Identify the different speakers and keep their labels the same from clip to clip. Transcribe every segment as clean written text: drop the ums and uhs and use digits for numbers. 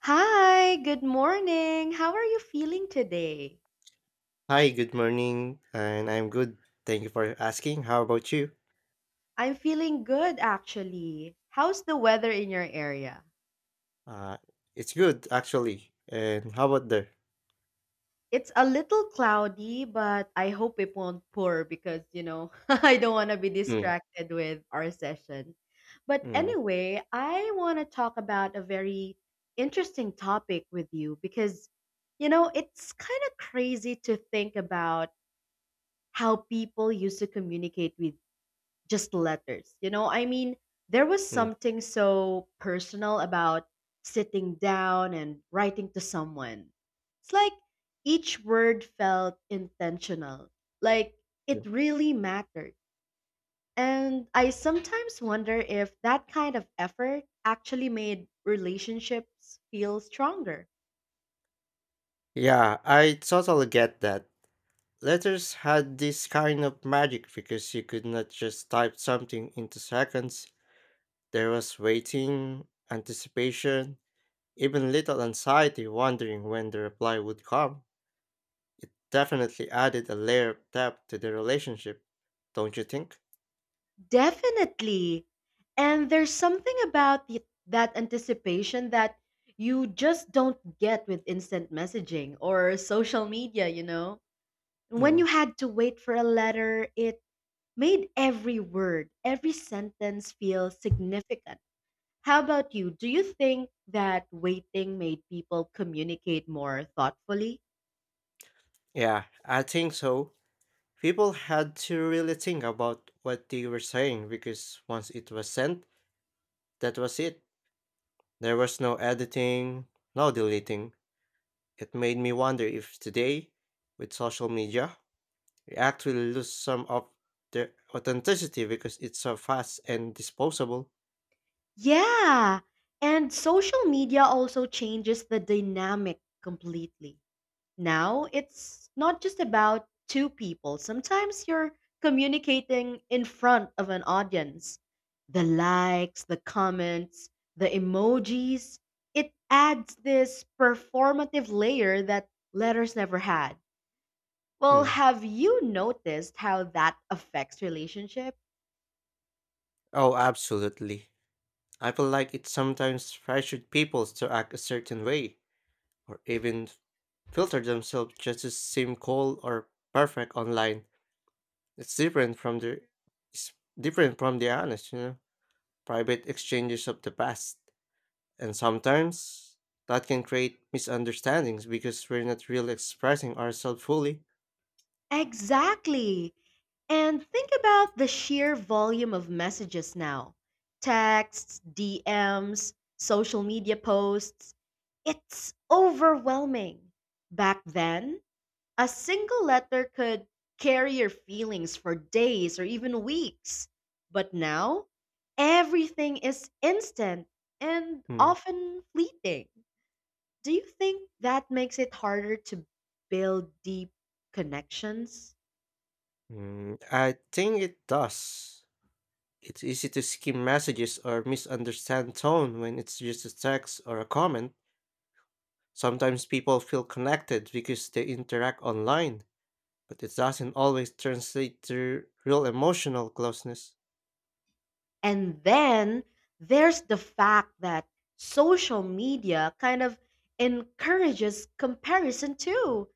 Speaker 1: Hi, good morning. How are you feeling today?
Speaker 2: Hi, good morning, and I'm good. Thank you for asking. How about you?
Speaker 1: I'm feeling good actually. How's the weather in your area?
Speaker 2: Uh, it's good actually. And how about there?
Speaker 1: It's a little cloudy, but I hope it won't pour because, I don't want to be
Speaker 2: Mm,
Speaker 1: distracted with our session. But
Speaker 2: mm,
Speaker 1: anyway, I want to talk about a very interesting topic with you because, it's kind of crazy to think about how people used to communicate with just letters. I mean, there was
Speaker 2: mm,
Speaker 1: something so personal about sitting down and writing to someone. It's like each word felt intentional, like it
Speaker 2: mm.
Speaker 1: really mattered. And I sometimes wonder if that kind of effort actually made relationships feel stronger.
Speaker 2: Yeah, I totally get that. Letters had this kind of magic because you could not just type something into seconds. There was waiting, anticipation, even little anxiety wondering when the reply would come, definitely added a layer of depth to the relationship, don't you think?
Speaker 1: Definitely. And there's something about that anticipation that you just don't get with instant messaging or social media, you know? When
Speaker 2: Mm,
Speaker 1: you had to wait for a letter, it made every word, every sentence feel significant. How about you? Do you think that waiting made people communicate more thoughtfully?
Speaker 2: yeah, I think so. People had to really think about what they were saying because once it was sent, that was it. There was no editing, no deleting. It made me wonder if today, with social media, we actually lose some of the authenticity because it's so fast and disposable.
Speaker 1: Yeah. And social media also changes the dynamic completely. Now, it's not just about two people. Sometimes you're communicating in front of an audience. The likes, the comments, the emojis, it adds this performative layer that letters never had. Well,
Speaker 2: Hmm.
Speaker 1: have you noticed how that affects relationship?
Speaker 2: Oh, absolutely. I feel like it sometimes pressured people to act a certain way, or even filter themselves just to seem cool or perfect online. It's different from the it's different from the honest, private exchanges of the past. And sometimes that can create misunderstandings because we're not really expressing ourselves fully.
Speaker 1: Exactly. And think about the sheer volume of messages now, texts, DMs, social media posts. It's overwhelming. Back then, a single letter could carry your feelings for days or even weeks. But now, everything is instant and
Speaker 2: Mm,
Speaker 1: often fleeting. Do you think that makes it harder to build deep connections?
Speaker 2: mm, I think it does. It's easy to skim messages or misunderstand tone when it's just a text or a comment. Sometimes people feel connected because they interact online, but it doesn't always translate to real emotional closeness.
Speaker 1: And then there's the fact that social media kind of encourages comparison too.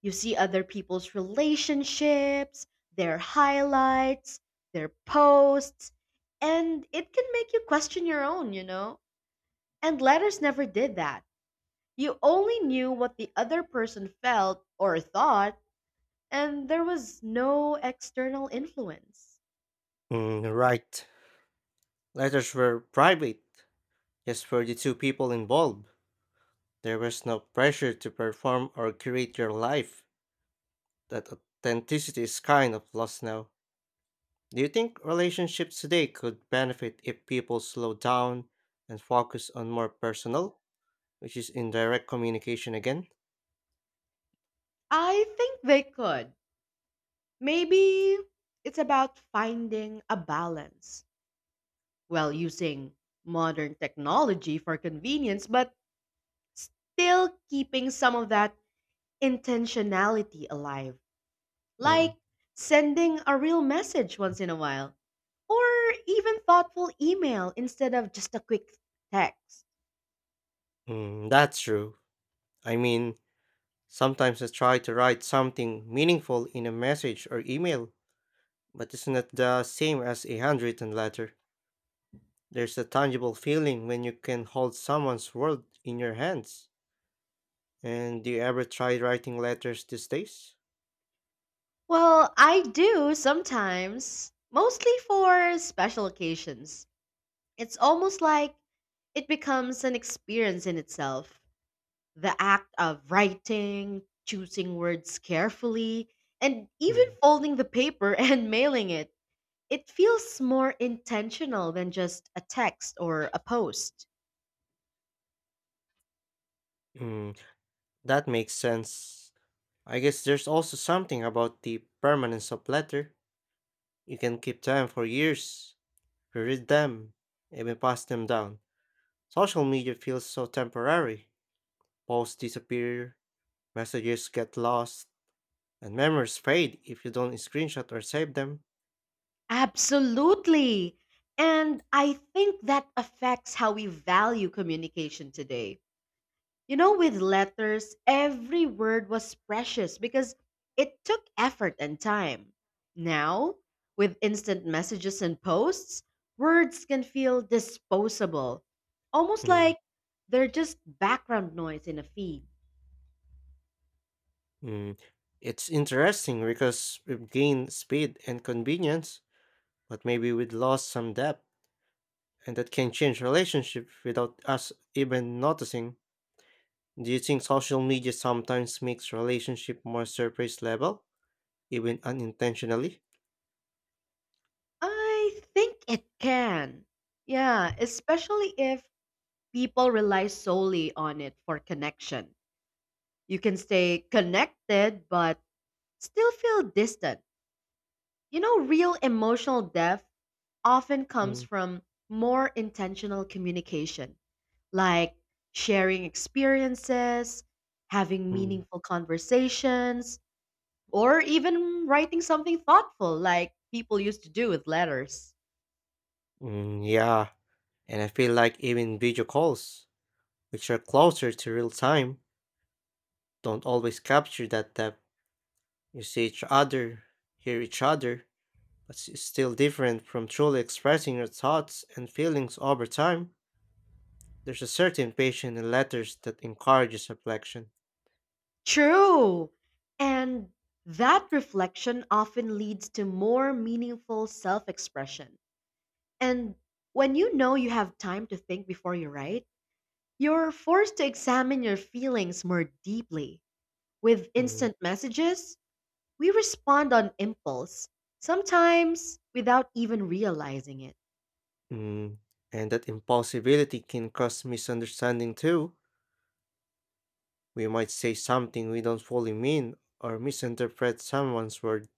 Speaker 1: You see other people's relationships, their highlights, their posts, and it can make you question your own, you know? And letters never did that. You only knew what the other person felt or thought, and there was no external influence.
Speaker 2: Mm, right. Letters were private, just for the two people involved. There was no pressure to perform or create your life. That authenticity is kind of lost now. Do you think relationships today could benefit if people slow down and focus on more personal, which is indirect communication again?
Speaker 1: I think they could. Maybe it's about finding a balance while using modern technology for convenience, but still keeping some of that intentionality alive.
Speaker 2: Mm,
Speaker 1: Like sending a real message once in a while, or even thoughtful email instead of just a quick text.
Speaker 2: mm, that's true. I mean, sometimes I try to write something meaningful in a message or email, but it's not the same as a handwritten letter. There's a tangible feeling when you can hold someone's world in your hands. And do you ever try writing letters these days?
Speaker 1: Well, I do sometimes, mostly for special occasions. It's almost like it becomes an experience in itself. The act of writing, choosing words carefully, and even
Speaker 2: Hmm.
Speaker 1: folding the paper and mailing it. It feels more intentional than just a text or a post.
Speaker 2: Mm, that makes sense. I guess there's also something about the permanence of letter. You can keep them for years, read them, even pass them down. Social media feels so temporary. Posts disappear, messages get lost, and memories fade if you don't screenshot or save them.
Speaker 1: Absolutely. And I think that affects how we value communication today. With letters, every word was precious because it took effort and time. Now, with instant messages and posts, words can feel disposable, almost
Speaker 2: Mm,
Speaker 1: like they're just background noise in a feed.
Speaker 2: mm. It's interesting because we've gained speed and convenience, but maybe we've lost some depth, and that can change relationships without us even noticing. Do you think social media sometimes makes relationship more surface level, even unintentionally?
Speaker 1: I think it can. Yeah, especially if people rely solely on it for connection. You can stay connected but still feel distant. Real emotional depth often comes
Speaker 2: Mm.
Speaker 1: from more intentional communication, like sharing experiences, having
Speaker 2: Mm.
Speaker 1: meaningful conversations, or even writing something thoughtful like people used to do with letters.
Speaker 2: Mm, yeah, and I feel like even video calls, which are closer to real time, don't always capture that depth. You see each other, hear each other, but it's still different from truly expressing your thoughts and feelings over time. There's a certain patience in letters that encourages reflection.
Speaker 1: True. And that reflection often leads to more meaningful self expression. And when you know you have time to think before you write, you're forced to examine your feelings more deeply. With
Speaker 2: Mm.
Speaker 1: instant messages, we respond on impulse, sometimes without even realizing it.
Speaker 2: Mm. And that impulsivity can cause misunderstanding too. We might say something we don't fully mean or misinterpret someone's word.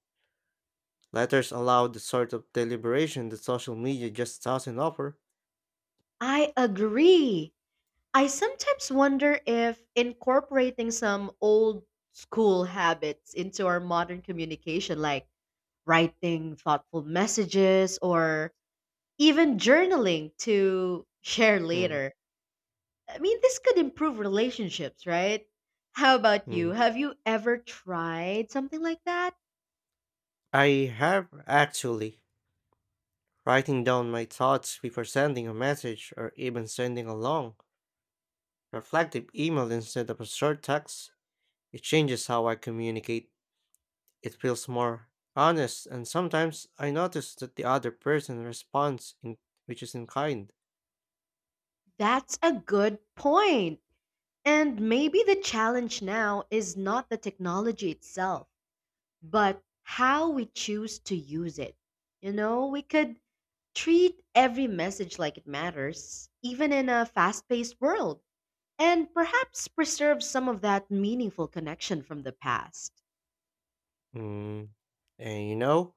Speaker 2: Letters allow the sort of deliberation that social media just doesn't offer.
Speaker 1: I agree. I sometimes wonder if incorporating some old school habits into our modern communication, like writing thoughtful messages or even journaling to share
Speaker 2: Hmm.
Speaker 1: later, I mean, this could improve relationships, right? How about you?
Speaker 2: Mm.
Speaker 1: Have you ever tried something like that?
Speaker 2: I have actually writing down my thoughts before sending a message or even sending a long, reflective email instead of a short text. It changes how I communicate. It feels more honest, and sometimes I notice that the other person responds in, which is in kind.
Speaker 1: That's a good point. And maybe the challenge now is not the technology itself but how we choose to use it. We could treat every message like it matters, even in a fast paced world, and perhaps preserve some of that meaningful connection from the past.
Speaker 2: Mm. And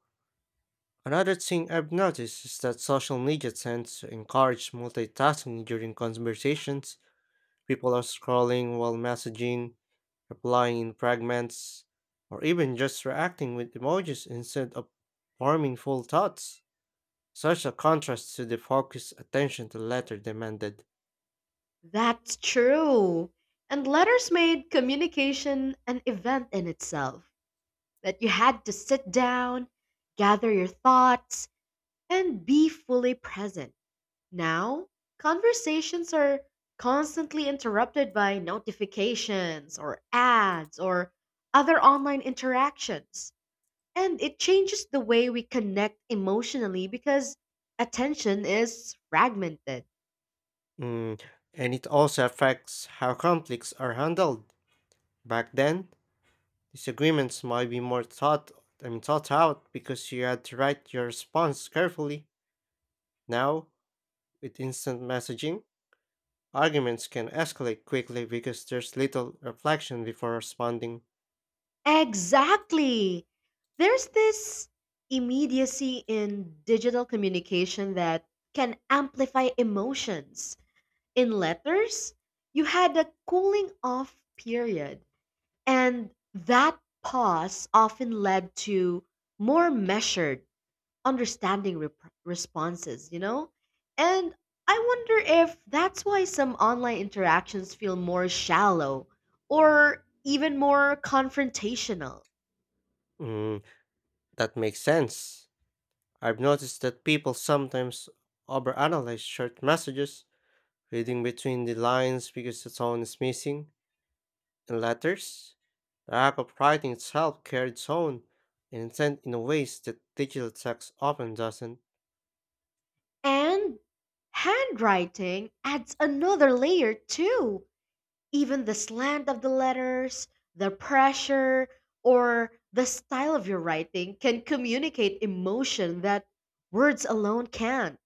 Speaker 2: another thing I've noticed is that social media tends to encourage multitasking during conversations. People are scrolling while messaging, replying in fragments, or even just reacting with emojis instead of forming full thoughts. Such a contrast to the focused attention the letter demanded.
Speaker 1: That's true. And letters made communication an event in itself that you had to sit down, gather your thoughts, and be fully present. Now, conversations are constantly interrupted by notifications or ads or other online interactions. And it changes the way we connect emotionally because attention is fragmented.
Speaker 2: Mm, and it also affects how conflicts are handled. Back then, disagreements might be more thought I mean, thought out because you had to write your response carefully. Now, with instant messaging, arguments can escalate quickly because there's little reflection before responding.
Speaker 1: Exactly. There's this immediacy in digital communication that can amplify emotions. In letters, you had a cooling off period. And that pause often led to more measured, understanding responses, you know? And I wonder if that's why some online interactions feel more shallow or even more confrontational.
Speaker 2: Mm, that makes sense. I've noticed that people sometimes overanalyze short messages, reading between the lines because the tone is missing. In letters, the act of writing itself carried its own intent in ways that digital text often doesn't.
Speaker 1: And handwriting adds another layer too. Even the slant of the letters, the pressure, or the style of your writing can communicate emotion that words alone can't.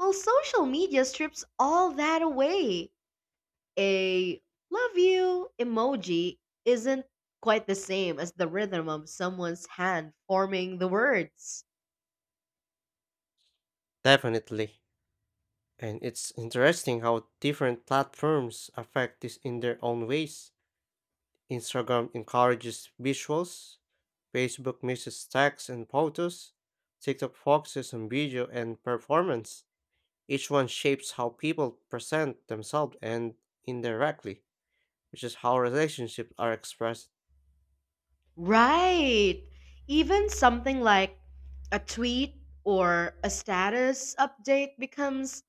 Speaker 1: Well, social media strips all that away. A love you emoji isn't quite the same as the rhythm of someone's hand forming the words.
Speaker 2: Definitely. And it's interesting how different platforms affect this in their own ways. Instagram encourages visuals, Facebook mixes text and photos, TikTok focuses on video and performance. Each one shapes how people present themselves and indirectly, which is how relationships are expressed.
Speaker 1: Right. Even something like a tweet or a status update becomes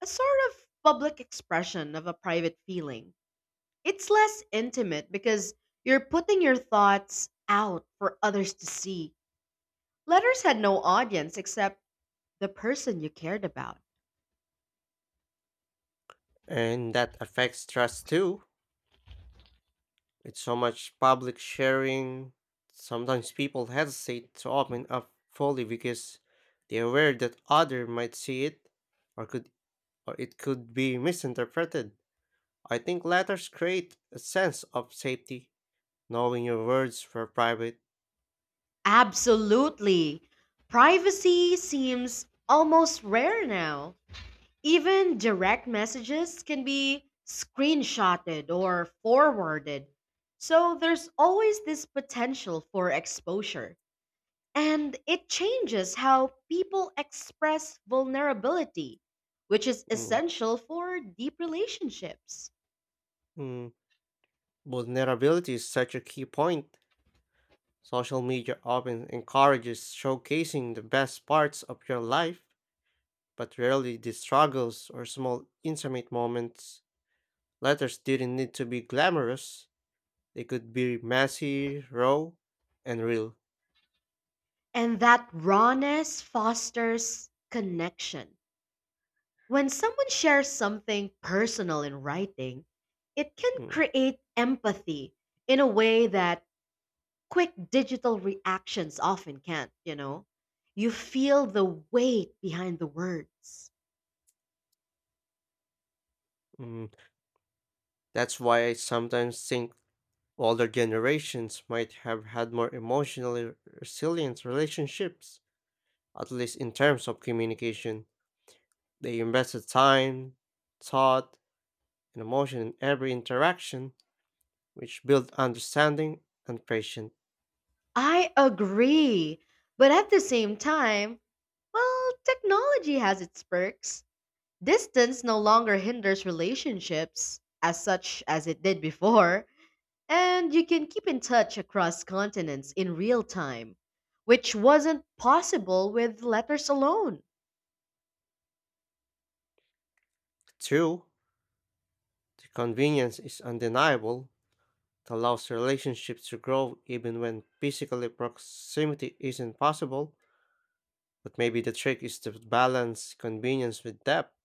Speaker 1: a sort of public expression of a private feeling. It's less intimate because you're putting your thoughts out for others to see. Letters had no audience except the person you cared about.
Speaker 2: And that affects trust too. With so much public sharing, sometimes people hesitate to open up fully because they're aware that other might see it, or could, or it could be misinterpreted. I think letters create a sense of safety, knowing your words were private.
Speaker 1: Absolutely. Privacy seems almost rare now. Even direct messages can be screenshotted or forwarded. So there's always this potential for exposure. And it changes how people express vulnerability, which is
Speaker 2: Mm.
Speaker 1: essential for deep relationships.
Speaker 2: Mm. Vulnerability is such a key point. Social media often encourages showcasing the best parts of your life, but rarely the struggles or small intimate moments. Letters didn't need to be glamorous, they could be messy, raw, and real.
Speaker 1: And that rawness fosters connection. When someone shares something personal in writing, it can
Speaker 2: Mm,
Speaker 1: create empathy in a way that quick digital reactions often can't, you know? You feel the weight behind the words.
Speaker 2: mm. That's why I sometimes think older generations might have had more emotionally resilient relationships, at least in terms of communication. They invested time, thought, and emotion in every interaction, which build understanding and patience.
Speaker 1: I agree. But at the same time, well, technology has its perks. Distance no longer hinders relationships as such as it did before, and you can keep in touch across continents in real time, which wasn't possible with letters alone.
Speaker 2: Two, the convenience is undeniable. It allows relationships to grow even when physically proximity isn't possible. But maybe the trick is to balance convenience with depth,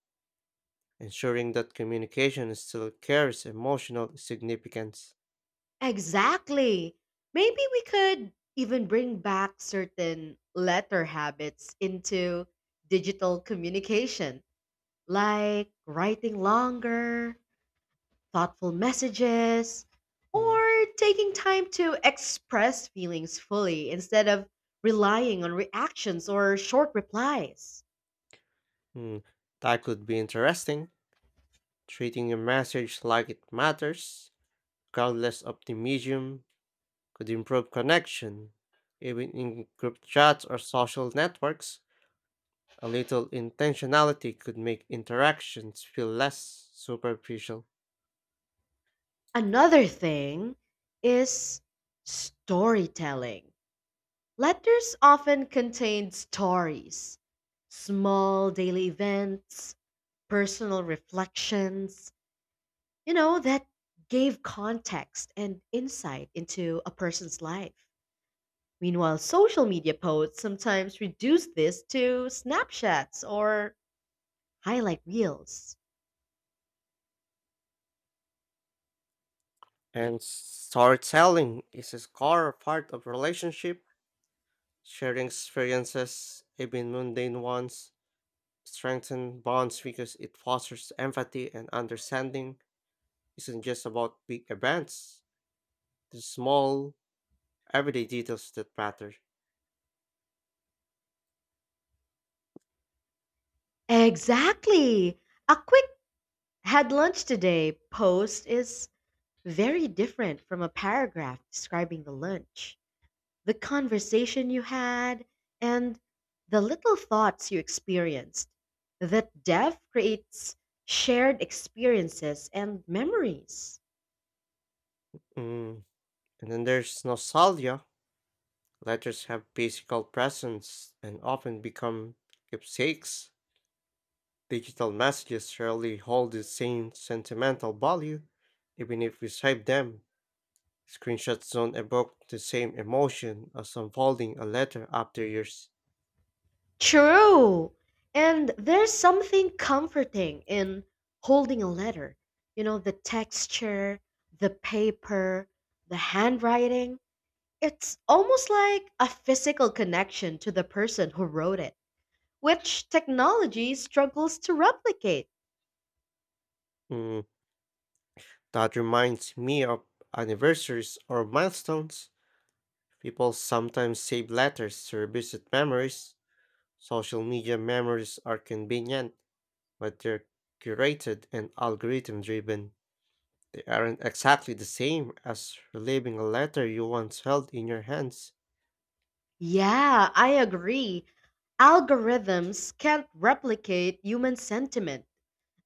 Speaker 2: ensuring that communication still carries emotional significance.
Speaker 1: Exactly. Maybe we could even bring back certain letter habits into digital communication, like writing longer, thoughtful messages,
Speaker 2: Mm,
Speaker 1: or taking time to express feelings fully instead of relying on reactions or short replies.
Speaker 2: mm. That could be interesting. Treating a message like it matters, regardless of the medium, could improve connection. Even in group chats or social networks, a little intentionality could make interactions feel less superficial.
Speaker 1: Another thing is storytelling. Letters often contain stories, small daily events, personal reflections, that gave context and insight into a person's life. Meanwhile, social media posts sometimes reduce this to snapshots or highlight reels.
Speaker 2: And storytelling is a core part of relationship. Sharing experiences, even mundane ones, strengthen bonds because it fosters empathy and understanding. Isn't just about big events. The small, everyday details that matter.
Speaker 1: Exactly! A quick had lunch today post is very different from a paragraph describing the lunch, the conversation you had, and the little thoughts you experienced. That depth creates shared experiences and memories.
Speaker 2: Mm. And then there's nostalgia. Letters have physical presence and often become keepsakes. Digital messages rarely hold the same sentimental value, even if we save them. Screenshots don't evoke the same emotion as unfolding a letter after years.
Speaker 1: True. And there's something comforting in holding a letter. You know, the texture, the paper, the handwriting. It's almost like a physical connection to the person who wrote it, which technology struggles to replicate.
Speaker 2: Mm, that reminds me of anniversaries or milestones. People sometimes save letters to revisit memories. Social media memories are convenient, but they're curated and algorithm driven. They aren't exactly the same as reliving a letter you once held in your hands.
Speaker 1: Yeah, I agree. Algorithms can't replicate human sentiment.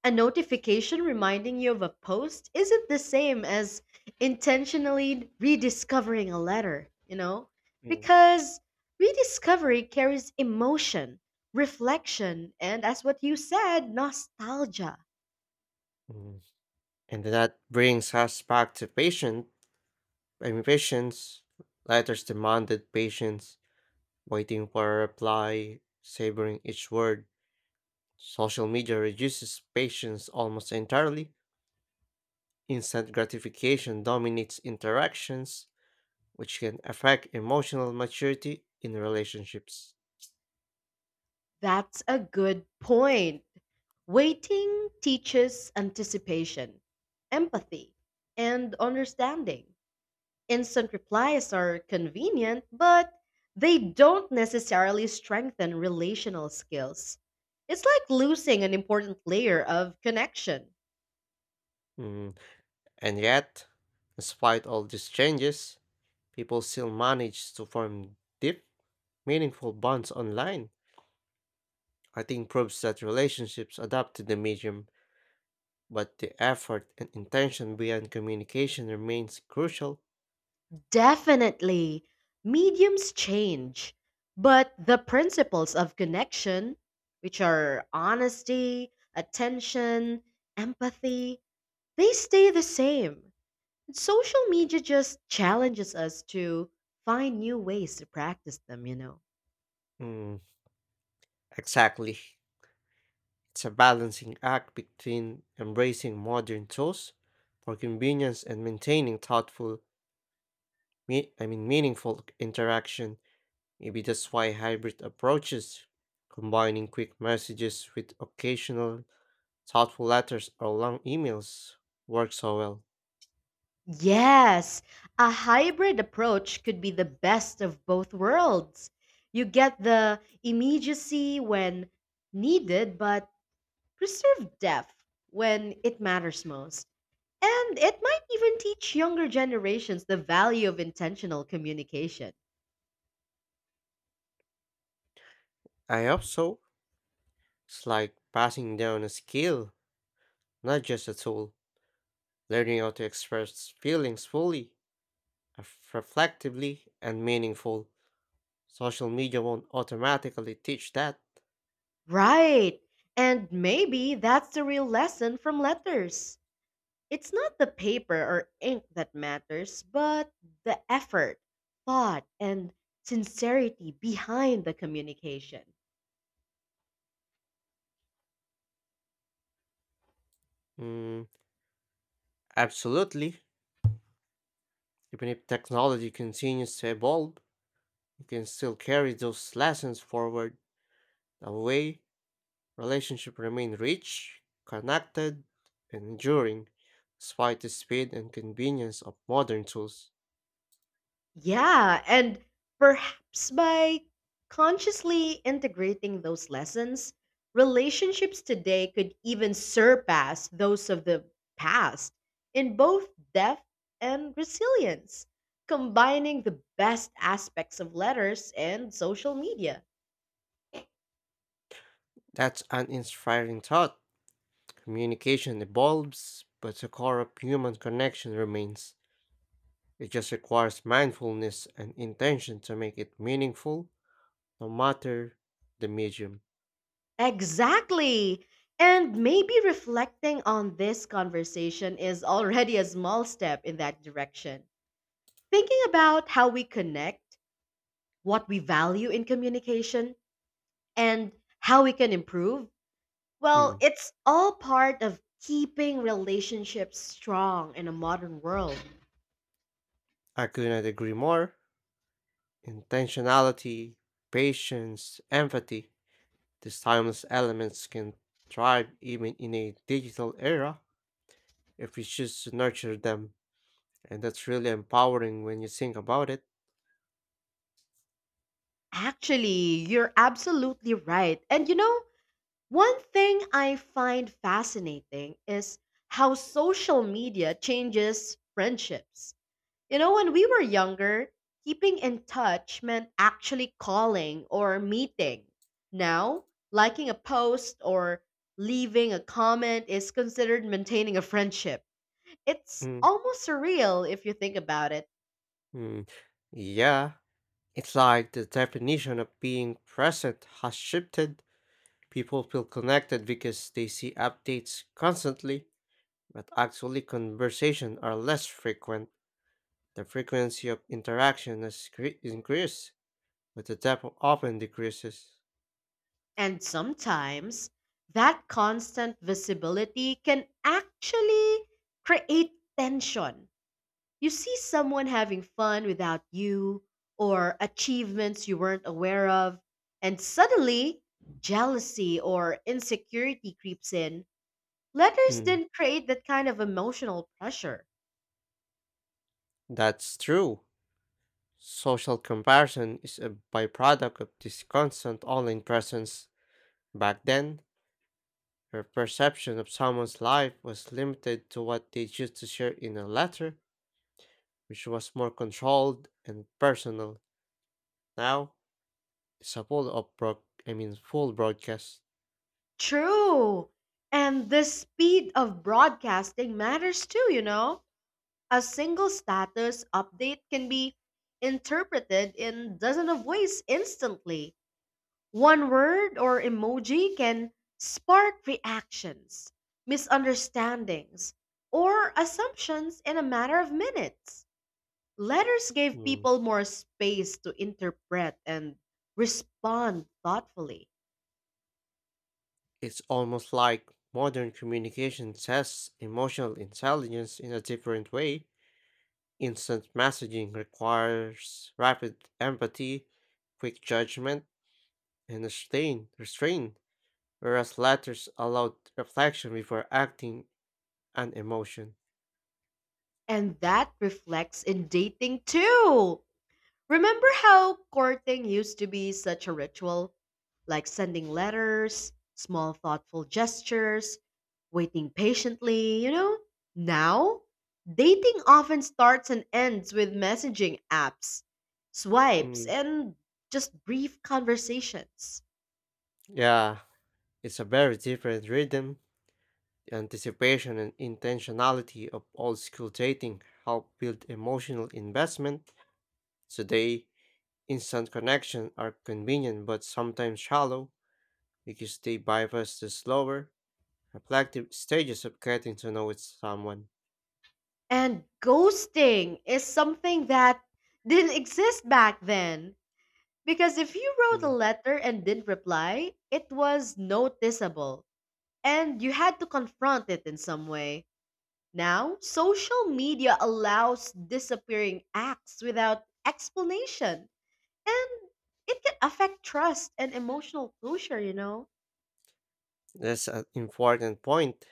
Speaker 1: A notification reminding you of a post isn't the same as intentionally rediscovering a letter, you know?
Speaker 2: Mm.
Speaker 1: Because rediscovery carries emotion, reflection, and as what you said, nostalgia.
Speaker 2: Mm. And that brings us back to I mean, patience. Letters demanded patience, waiting for a reply, savoring each word. Social media reduces patience almost entirely. Instant gratification dominates interactions, which can affect emotional maturity in relationships.
Speaker 1: That's a good point. Waiting teaches anticipation, empathy, and understanding. Instant replies are convenient, but they don't necessarily strengthen relational skills. It's like losing an important layer of connection.
Speaker 2: Mm. And yet, despite all these changes, people still manage to form deep, meaningful bonds online. I think proves that relationships adapt to the medium, but the effort and intention behind communication remains crucial.
Speaker 1: Definitely, mediums change, but the principles of connection, which are honesty, attention, empathy, they stay the same. Social media just challenges us to find new ways to practice them, you know.
Speaker 2: Mm, exactly. It's a balancing act between embracing modern tools for convenience and maintaining thoughtful, I mean, meaningful interaction. Maybe that's why hybrid approaches, combining quick messages with occasional thoughtful letters or long emails, work so well.
Speaker 1: Yes, a hybrid approach could be the best of both worlds. You get the immediacy when needed, but preserve depth when it matters most. And it might even teach younger generations the value of intentional communication.
Speaker 2: I hope so. It's like passing down a skill, not just a tool. Learning how to express feelings fully, reflectively, and meaningful. Social media won't automatically teach that.
Speaker 1: Right. And maybe that's the real lesson from letters. It's not the paper or ink that matters, but the effort, thought, and sincerity behind the communication.
Speaker 2: Mm, absolutely. Even if technology continues to evolve, you can still carry those lessons forward away. Relationships remain rich, connected, and enduring, despite the speed and convenience of modern tools.
Speaker 1: Yeah, and perhaps by consciously integrating those lessons, relationships today could even surpass those of the past in both depth and resilience, combining the best aspects of letters and social media.
Speaker 2: That's an inspiring thought. Communication evolves, but the core of human connection remains. It just requires mindfulness and intention to make it meaningful, no matter the medium.
Speaker 1: Exactly. And maybe reflecting on this conversation is already a small step in that direction. Thinking about how we connect, what we value in communication, and how we can improve, well,
Speaker 2: Mm,
Speaker 1: it's all part of keeping relationships strong in a modern world.
Speaker 2: I could not agree more. Intentionality, patience, empathy. These timeless elements can thrive even in a digital era if we choose to nurture them. And that's really empowering when you think about it.
Speaker 1: Actually, you're absolutely right. And one thing I find fascinating is how social media changes friendships. When we were younger, keeping in touch meant actually calling or meeting. Now, liking a post or leaving a comment is considered maintaining a friendship. It's
Speaker 2: Mm,
Speaker 1: almost surreal if you think about it.
Speaker 2: mm. Yeah, it's like the definition of being present has shifted. People feel connected because they see updates constantly, but actually, conversations are less frequent. The frequency of interaction has increased, but the depth often decreases.
Speaker 1: And sometimes that constant visibility can actually create tension. You see someone having fun without you, or achievements you weren't aware of, and suddenly jealousy or insecurity creeps in. Letters
Speaker 2: Mm,
Speaker 1: didn't create that kind of emotional pressure.
Speaker 2: that's true. Social comparison is a byproduct of this constant online presence. Back then, her perception of someone's life was limited to what they choose to share in a letter, which was more controlled and personal. Now, it's a I mean, full broadcast.
Speaker 1: True. And the speed of broadcasting matters too, you know? A single status update can be interpreted in dozens of ways instantly. One word or emoji can spark reactions, misunderstandings, or assumptions in a matter of minutes. Letters gave
Speaker 2: Mm.
Speaker 1: people more space to interpret and respond thoughtfully.
Speaker 2: It's almost like modern communication tests emotional intelligence in a different way. Instant messaging requires rapid empathy, quick judgment, and restrain, whereas latters allowed reflection before acting on emotion.
Speaker 1: And that reflects in dating too. Remember how courting used to be such a ritual? Like sending letters, small thoughtful gestures, waiting patiently, you know? Now, dating often starts and ends with messaging apps, swipes,
Speaker 2: Mm,
Speaker 1: and just brief conversations.
Speaker 2: yeah, it's a very different rhythm. The anticipation and intentionality of old school dating help build emotional investment. Today, instant connections are convenient but sometimes shallow because they bypass the slower, reflective stages of getting to know someone.
Speaker 1: And ghosting is something that didn't exist back then. Because if you wrote a
Speaker 2: Mm.
Speaker 1: letter and didn't reply, it was noticeable and you had to confront it in some way. Now, social media allows disappearing acts without explanation, and it can affect trust and emotional closure, you know?
Speaker 2: That's an important point.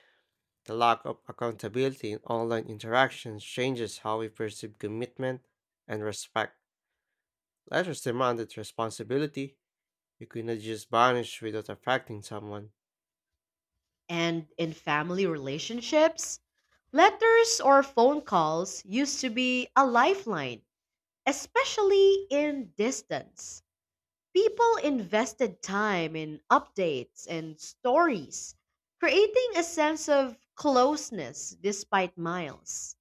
Speaker 2: The lack of accountability in online interactions changes how we perceive commitment and respect. Let us demand that responsibility. You cannot just vanish without affecting someone.
Speaker 1: And in family relationships, letters or phone calls used to be a lifeline, especially in distance. People invested time in updates and stories, creating a sense of closeness despite miles.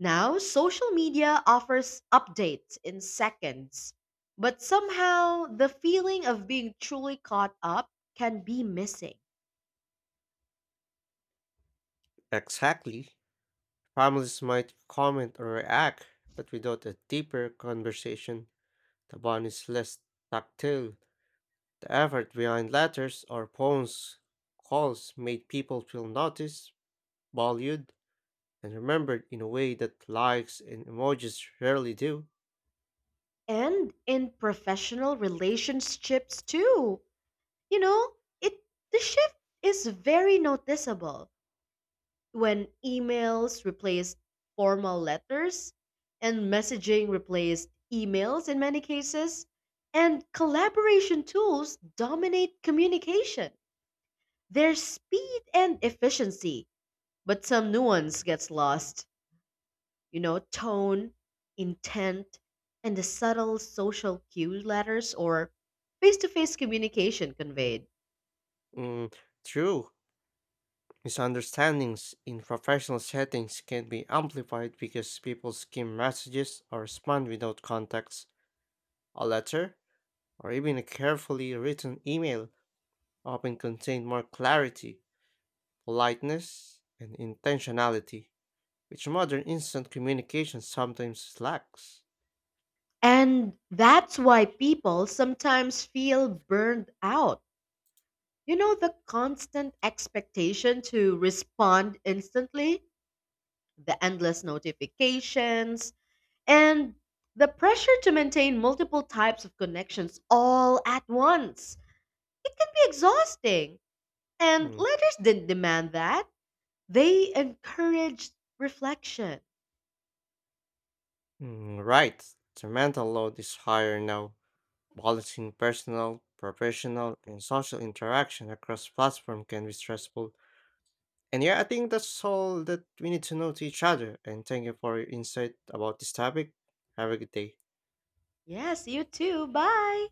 Speaker 1: Now, social media offers updates in seconds, but somehow the feeling of being truly caught up can be missing.
Speaker 2: Exactly. Families might comment or react, but without a deeper conversation, the bond is less tactile. The effort behind letters or phones calls made people feel noticed, valued, and remembered in a way that likes and emojis rarely do.
Speaker 1: And in professional relationships too. You know, it the shift is very noticeable when emails replaced formal letters and messaging replaced emails in many cases and collaboration tools dominate communication, there's speed and efficiency but some nuance gets lost, you know, tone, intent, and the subtle social cue letters or face-to-face communication conveyed.
Speaker 2: Mm, true, misunderstandings in professional settings can be amplified because people skim messages or respond without context. A letter, or even a carefully written email often contain more clarity, politeness, and intentionality, which modern instant communication sometimes lacks.
Speaker 1: And that's why people sometimes feel burned out. The constant expectation to respond instantly, the endless notifications, and the pressure to maintain multiple types of connections all at once. It can be exhausting. And
Speaker 2: Mm,
Speaker 1: letters didn't demand that, they encouraged reflection.
Speaker 2: mm, right, the mental load is higher now. Balancing personal, professional, and social interaction across platform can be stressful. And yeah, I think that's all that we need to know to each other. And thank you for your insight about this topic. Have a good day.
Speaker 1: Yes, you too. Bye.